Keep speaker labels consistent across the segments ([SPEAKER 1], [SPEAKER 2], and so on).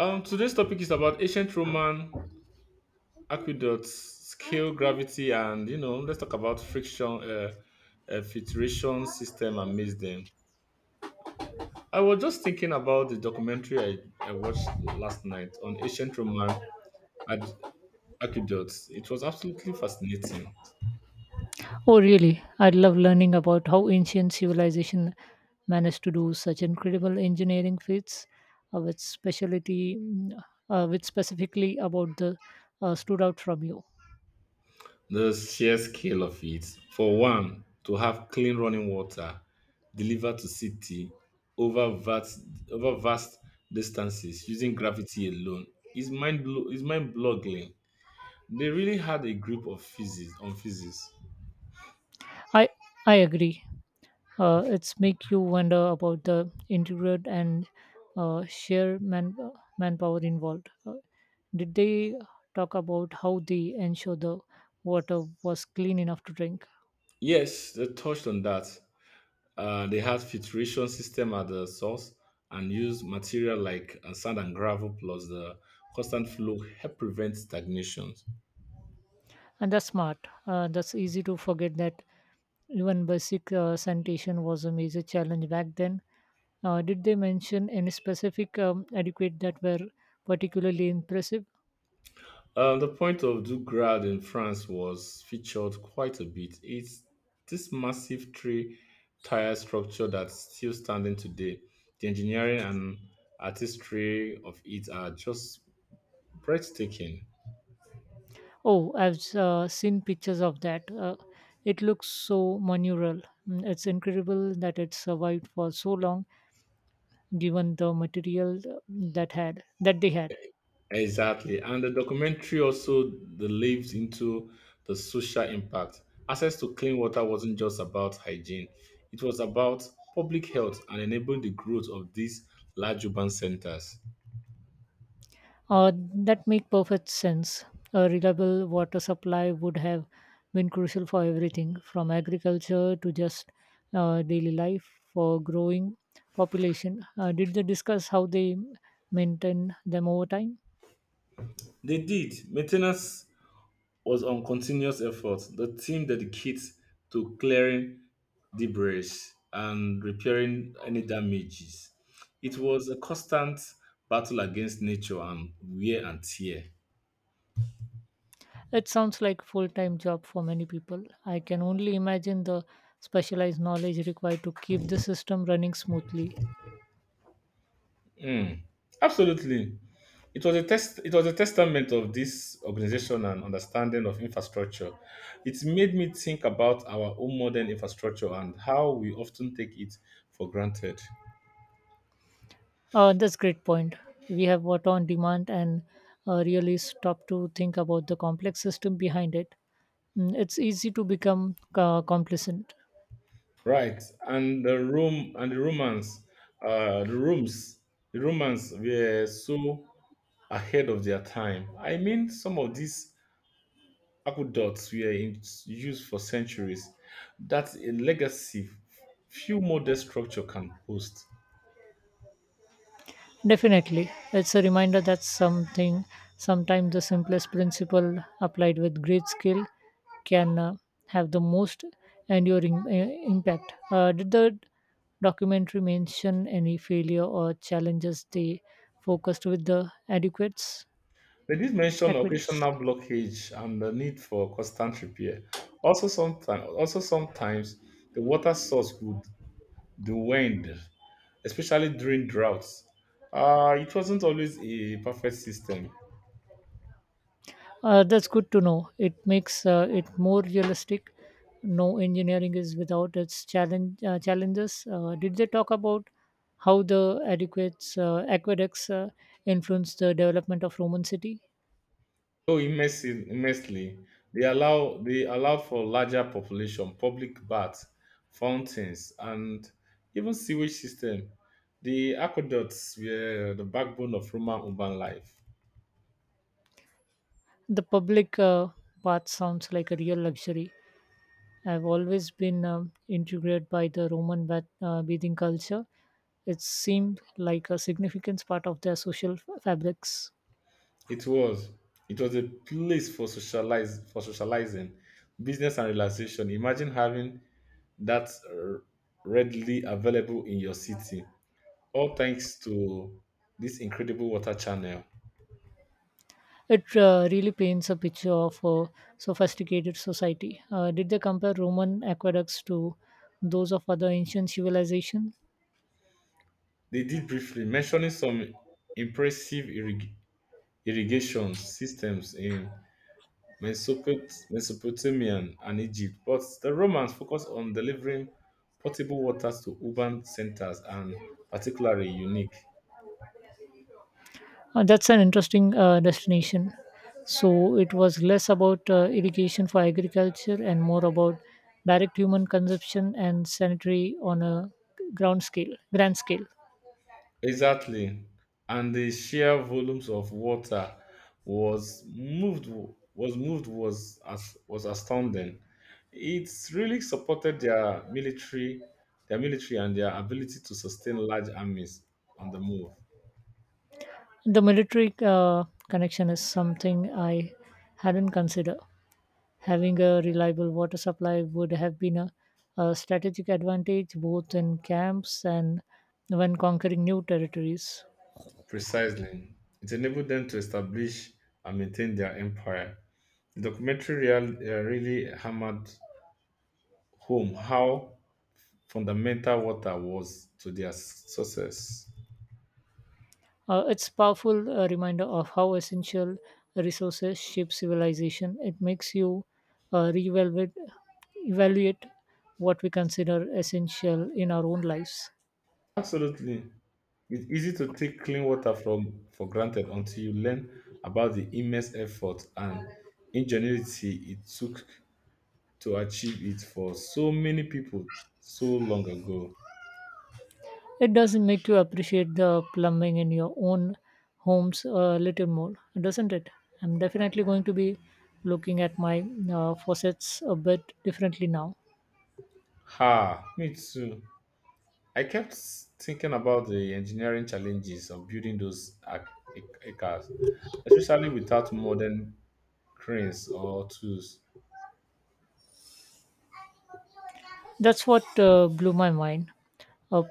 [SPEAKER 1] Today's topic is about ancient Roman aqueducts, scale, gravity, and let's talk about friction, filtration system, and mix them. I was just thinking about the documentary I watched last night on ancient Roman ad- aqueducts. It was absolutely fascinating.
[SPEAKER 2] Oh, really? I'd love learning about how ancient civilization managed to do such incredible engineering feats with with specifically about the stood out from you.
[SPEAKER 1] The sheer scale of it, for one, to have clean running water delivered to city over vast, over vast distances using gravity alone is is mind boggling. They really had a grip of physics on physics.
[SPEAKER 2] I I agree. It's make you wonder about the intricate and sheer manpower involved. Did they talk about how they ensure the water was clean enough to drink?
[SPEAKER 1] Yes, they touched on that. They had filtration system at the source and used material like sand and gravel plus the constant flow help prevent stagnation.
[SPEAKER 2] And that's smart. That's easy to forget that even basic sanitation was a major challenge back then. Did they mention any specific adequate that were particularly impressive?
[SPEAKER 1] The point of Dougrade in France was featured quite a bit. It's this massive three tier structure that's still standing today. The engineering and artistry of it are just breathtaking.
[SPEAKER 2] Oh, I've seen pictures of that. It looks so monumental. Mm, it's incredible that it survived for so long, given the material that they had.
[SPEAKER 1] Exactly. And the documentary also delved into the social impact. Access to clean water wasn't just about hygiene, it was about public health and enabling the growth of these large urban centers.
[SPEAKER 2] Uh, that make perfect sense. A reliable water supply would have been crucial for everything from agriculture to just daily life for growing population. Did they discuss how they maintain them over time?
[SPEAKER 1] They did. Maintenance was on continuous effort. The team dedicates to clearing debris and repairing any damages. It was a constant battle against nature and wear and tear.
[SPEAKER 2] It sounds like full-time job for many people. I can only imagine the specialized knowledge required to keep the system running smoothly.
[SPEAKER 1] Mm, absolutely. It was a testament of this organization and understanding of infrastructure. It made me think about our own modern infrastructure and how we often take it for granted.
[SPEAKER 2] That's great point. We have water on demand and really stop to think about the complex system behind it. Mm, it's easy to become complacent.
[SPEAKER 1] Right, and the Romans, uh, the rooms, the Romans were so ahead of their time. I mean, some of these aqueducts were in use for centuries. That's a legacy few modern structure can boast.
[SPEAKER 2] Definitely. It's a reminder that sometimes the simplest principle applied with great skill can have the most enduring impact. Did the documentary mention any failure or challenges they focused with the adequates?
[SPEAKER 1] They did mention
[SPEAKER 2] Adequates.
[SPEAKER 1] occasional blockage and the need for constant repair. Also sometimes the water source would dwindle especially during droughts. It wasn't always a perfect system.
[SPEAKER 2] That's good to know. It makes it more realistic. No engineering is without its challenges. Did they talk about how the aqueducts influenced the development of Roman city?
[SPEAKER 1] Immensely, they allowed for larger population, public baths, fountains, and even sewage system. The aqueducts were the backbone of Roman urban life.
[SPEAKER 2] The public bath sounds like a real luxury. I've always been intrigued by the bathing culture. It seemed like a significant part of their social fabrics.
[SPEAKER 1] It was it was a place for socialize for socializing, business and relaxation. Imagine having that readily available in your city all thanks to this incredible water channel.
[SPEAKER 2] It really paints a picture of a sophisticated society. Did they compare Roman aqueducts to those of other ancient civilizations?
[SPEAKER 1] They did briefly mentioning some impressive irrigation systems in Mesopotamia and Egypt, but the Romans focused on delivering potable waters to urban centers and particularly unique.
[SPEAKER 2] That's an interesting destination. So it was less about irrigation for agriculture and more about direct human consumption and sanitary on a grand scale.
[SPEAKER 1] Exactly. And the sheer volumes of water was moved was as was astounding. It's really supported their military and their ability to sustain large armies on the move.
[SPEAKER 2] The military connection is something I hadn't considered. Having a reliable water supply would have been a strategic advantage both in camps and when conquering new territories.
[SPEAKER 1] Precisely. It enabled them to establish and maintain their empire. The documentary really hammered home how fundamental water was to their success.
[SPEAKER 2] It's powerful reminder of how essential resources shape civilization. It makes you reevaluate evaluate what we consider essential in our own lives.
[SPEAKER 1] Absolutely. It's easy to take clean water from for granted until you learn about the immense effort and ingenuity it took to achieve it for so many people so long ago.
[SPEAKER 2] It does make you appreciate the plumbing in your own homes a little more, doesn't it? I'm definitely going to be looking at my faucets a bit differently now.
[SPEAKER 1] Ha, me too. I kept thinking about the engineering challenges of building those acres, especially without modern cranes or tools.
[SPEAKER 2] That's what blew my mind. A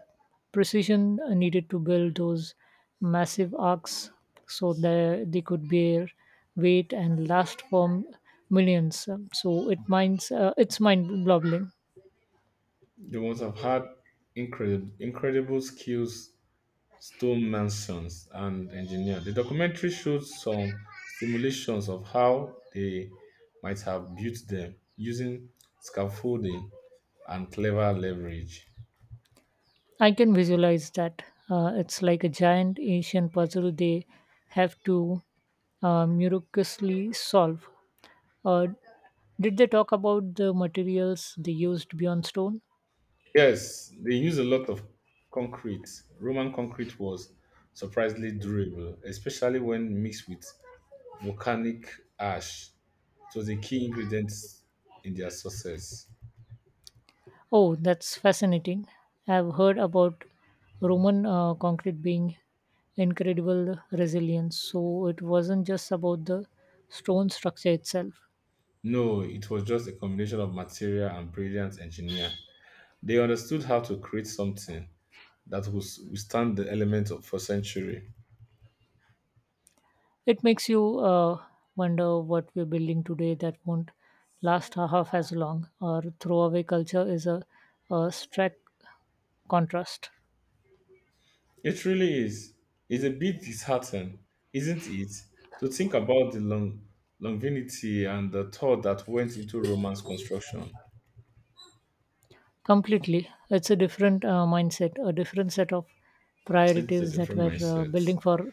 [SPEAKER 2] precision needed to build those massive arcs so that they could bear weight and last for millions. So it it's mind-boggling.
[SPEAKER 1] They must have had incredible skills stone masons and engineers. The documentary showed some simulations of how they might have built them using scaffolding and clever leverage.
[SPEAKER 2] I can visualize that. It's like a giant Asian puzzle they have to miraculously solve. Uh, did they talk about the materials they used beyond stone?
[SPEAKER 1] Yes, they use a lot of concrete. Roman concrete was surprisingly durable, especially when mixed with volcanic ash. It was a key ingredient in their success.
[SPEAKER 2] Oh, that's fascinating. I've heard about Roman concrete being incredible resilience, so it wasn't just about the stone structure itself.
[SPEAKER 1] No, it was just a combination of material and brilliant engineer. They understood how to create something that would withstand the element of for century.
[SPEAKER 2] It makes you wonder what we're building today that won't last half as long. Our throwaway culture is a stark contrast.
[SPEAKER 1] It really is. It's a bit disheartening, isn't it, to think about the longevity and the thought that went into Roman's construction.
[SPEAKER 2] Completely. It's a different mindset, a different set of
[SPEAKER 1] It's a
[SPEAKER 2] priorities that
[SPEAKER 1] different
[SPEAKER 2] we're
[SPEAKER 1] mindset.
[SPEAKER 2] building for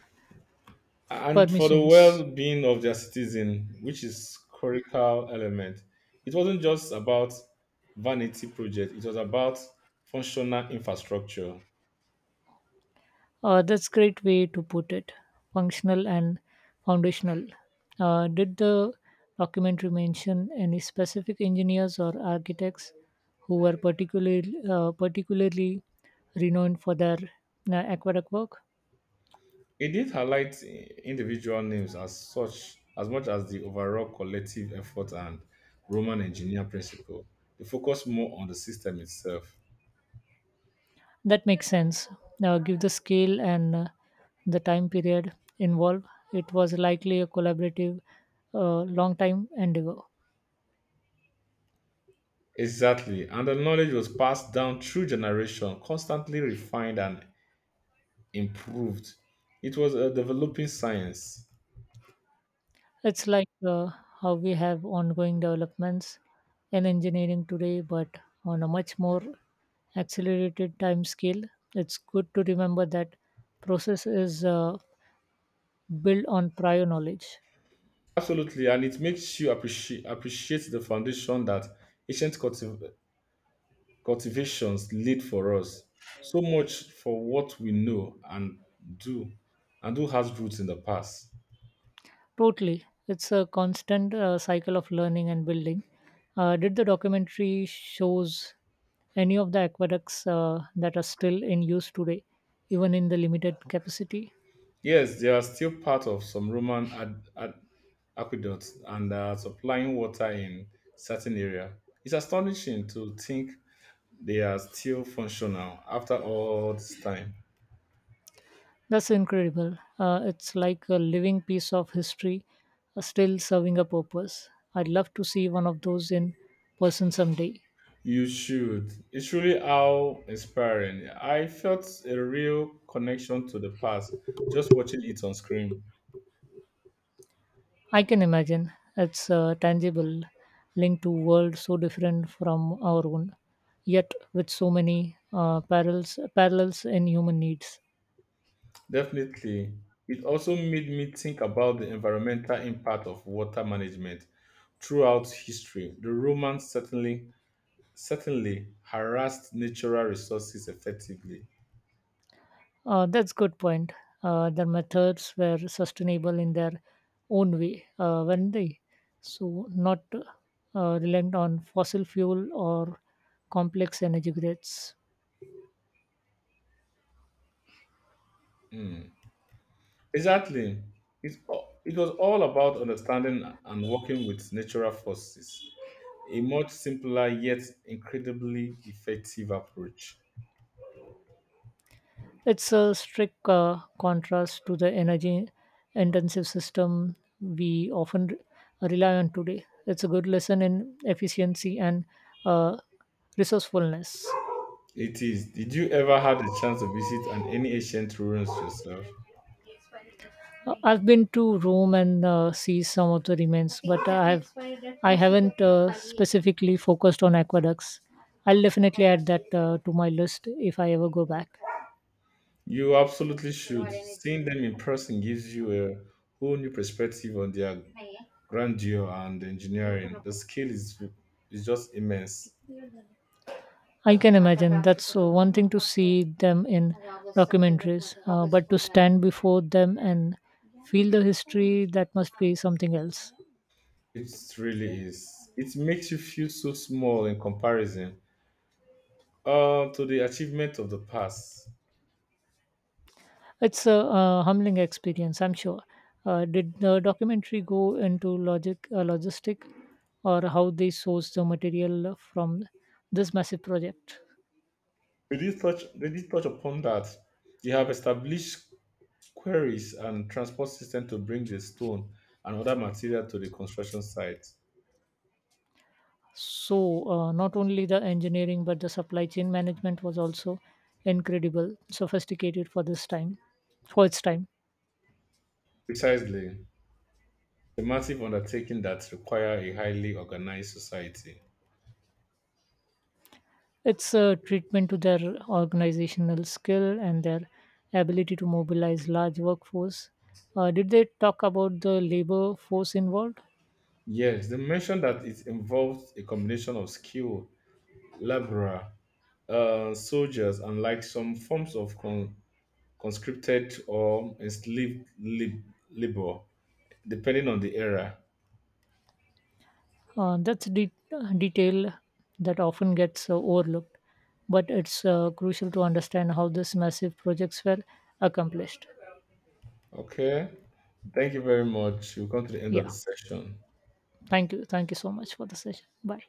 [SPEAKER 1] And for the
[SPEAKER 2] permissions.
[SPEAKER 1] well-being of their citizen, which is critical element, it wasn't just about vanity project. It was about functional infrastructure.
[SPEAKER 2] That's great way to put it. Functional and foundational. Did the documentary mention any specific engineers or architects who were particularly renowned for their aqueduct work?
[SPEAKER 1] It did highlight individual names as such as much as the overall collective effort and Roman engineer principle. The focused more on the system itself.
[SPEAKER 2] That makes sense. Now, give the scale and the time period involved. It was likely a collaborative, long time endeavor.
[SPEAKER 1] Exactly, and the knowledge was passed down through generation, constantly refined and improved. It was a developing science.
[SPEAKER 2] It's like how we have ongoing developments in engineering today, but on a much more accelerated time scale. It's good to remember that process is built on prior knowledge.
[SPEAKER 1] Absolutely, and it makes you appreciate the foundation that ancient cultivations lead for us. So much for what we know and do, and who has roots in the past.
[SPEAKER 2] Totally. It's a constant cycle of learning and building. Did the documentary shows any of the aqueducts that are still in use today, even in the limited capacity?
[SPEAKER 1] Yes, they are still part of some Roman aqueducts and are supplying water in certain area. It's astonishing to think they are still functional after all this time.
[SPEAKER 2] That's incredible. It's like a living piece of history, still serving a purpose. I'd love to see one of those in person someday.
[SPEAKER 1] You should. It's really how inspiring. I felt a real connection to the past just watching it on screen.
[SPEAKER 2] I can imagine it's tangible, linked to a world so different from our own, yet with so many parallels in human needs.
[SPEAKER 1] Definitely. It also made me think about the environmental impact of water management throughout history. The Romans certainly harassed natural resources effectively.
[SPEAKER 2] That's good point. Their methods were sustainable in their own way, weren't they? So not reliant on fossil fuel or complex energy grids.
[SPEAKER 1] Mm. Exactly. It, it was all about understanding and working with natural forces. A much simpler yet incredibly effective approach.
[SPEAKER 2] It's a strict contrast to the energy-intensive system we often rely on today. It's a good lesson in efficiency and uh, resourcefulness.
[SPEAKER 1] It is. Did you ever have the chance to visit an any ancient ruins yourself?
[SPEAKER 2] I've been to Rome and see some of the remains, but I haven't specifically focused on aqueducts. I'll definitely add that to my list if I ever go back.
[SPEAKER 1] You absolutely should. Seeing them in person gives you a whole new perspective on their grandeur and engineering. The scale is just immense.
[SPEAKER 2] I can imagine that's one thing to see them in but to stand before them and feel the history that must be something else.
[SPEAKER 1] It really is. It makes you feel so small in comparison to the achievement of the past.
[SPEAKER 2] It's a humbling experience, I'm sure. Did the documentary go into logistic, or how they source the material from this massive project?
[SPEAKER 1] They did touch upon that. They have established quarries and transport system to bring the stone and other material to the construction site.
[SPEAKER 2] So not only the engineering but the supply chain management was also incredible, sophisticated for for its time.
[SPEAKER 1] Precisely. A massive undertaking that require a highly organized society.
[SPEAKER 2] It's a treatment to their organizational skill and their ability to mobilize large workforce. Did they talk about the labor force involved?
[SPEAKER 1] Yes, they mentioned that it involves a combination of skill, labor, soldiers, and like some forms of conscripted or enslaved labor, depending on the era.
[SPEAKER 2] Uh, that's a de- detail that often gets overlooked, but it's crucial to understand how these massive projects were accomplished.
[SPEAKER 1] Okay, thank you very much. We've come to the end of
[SPEAKER 2] Yeah,
[SPEAKER 1] the session.
[SPEAKER 2] thank you. Thank you so much for the session. Bye.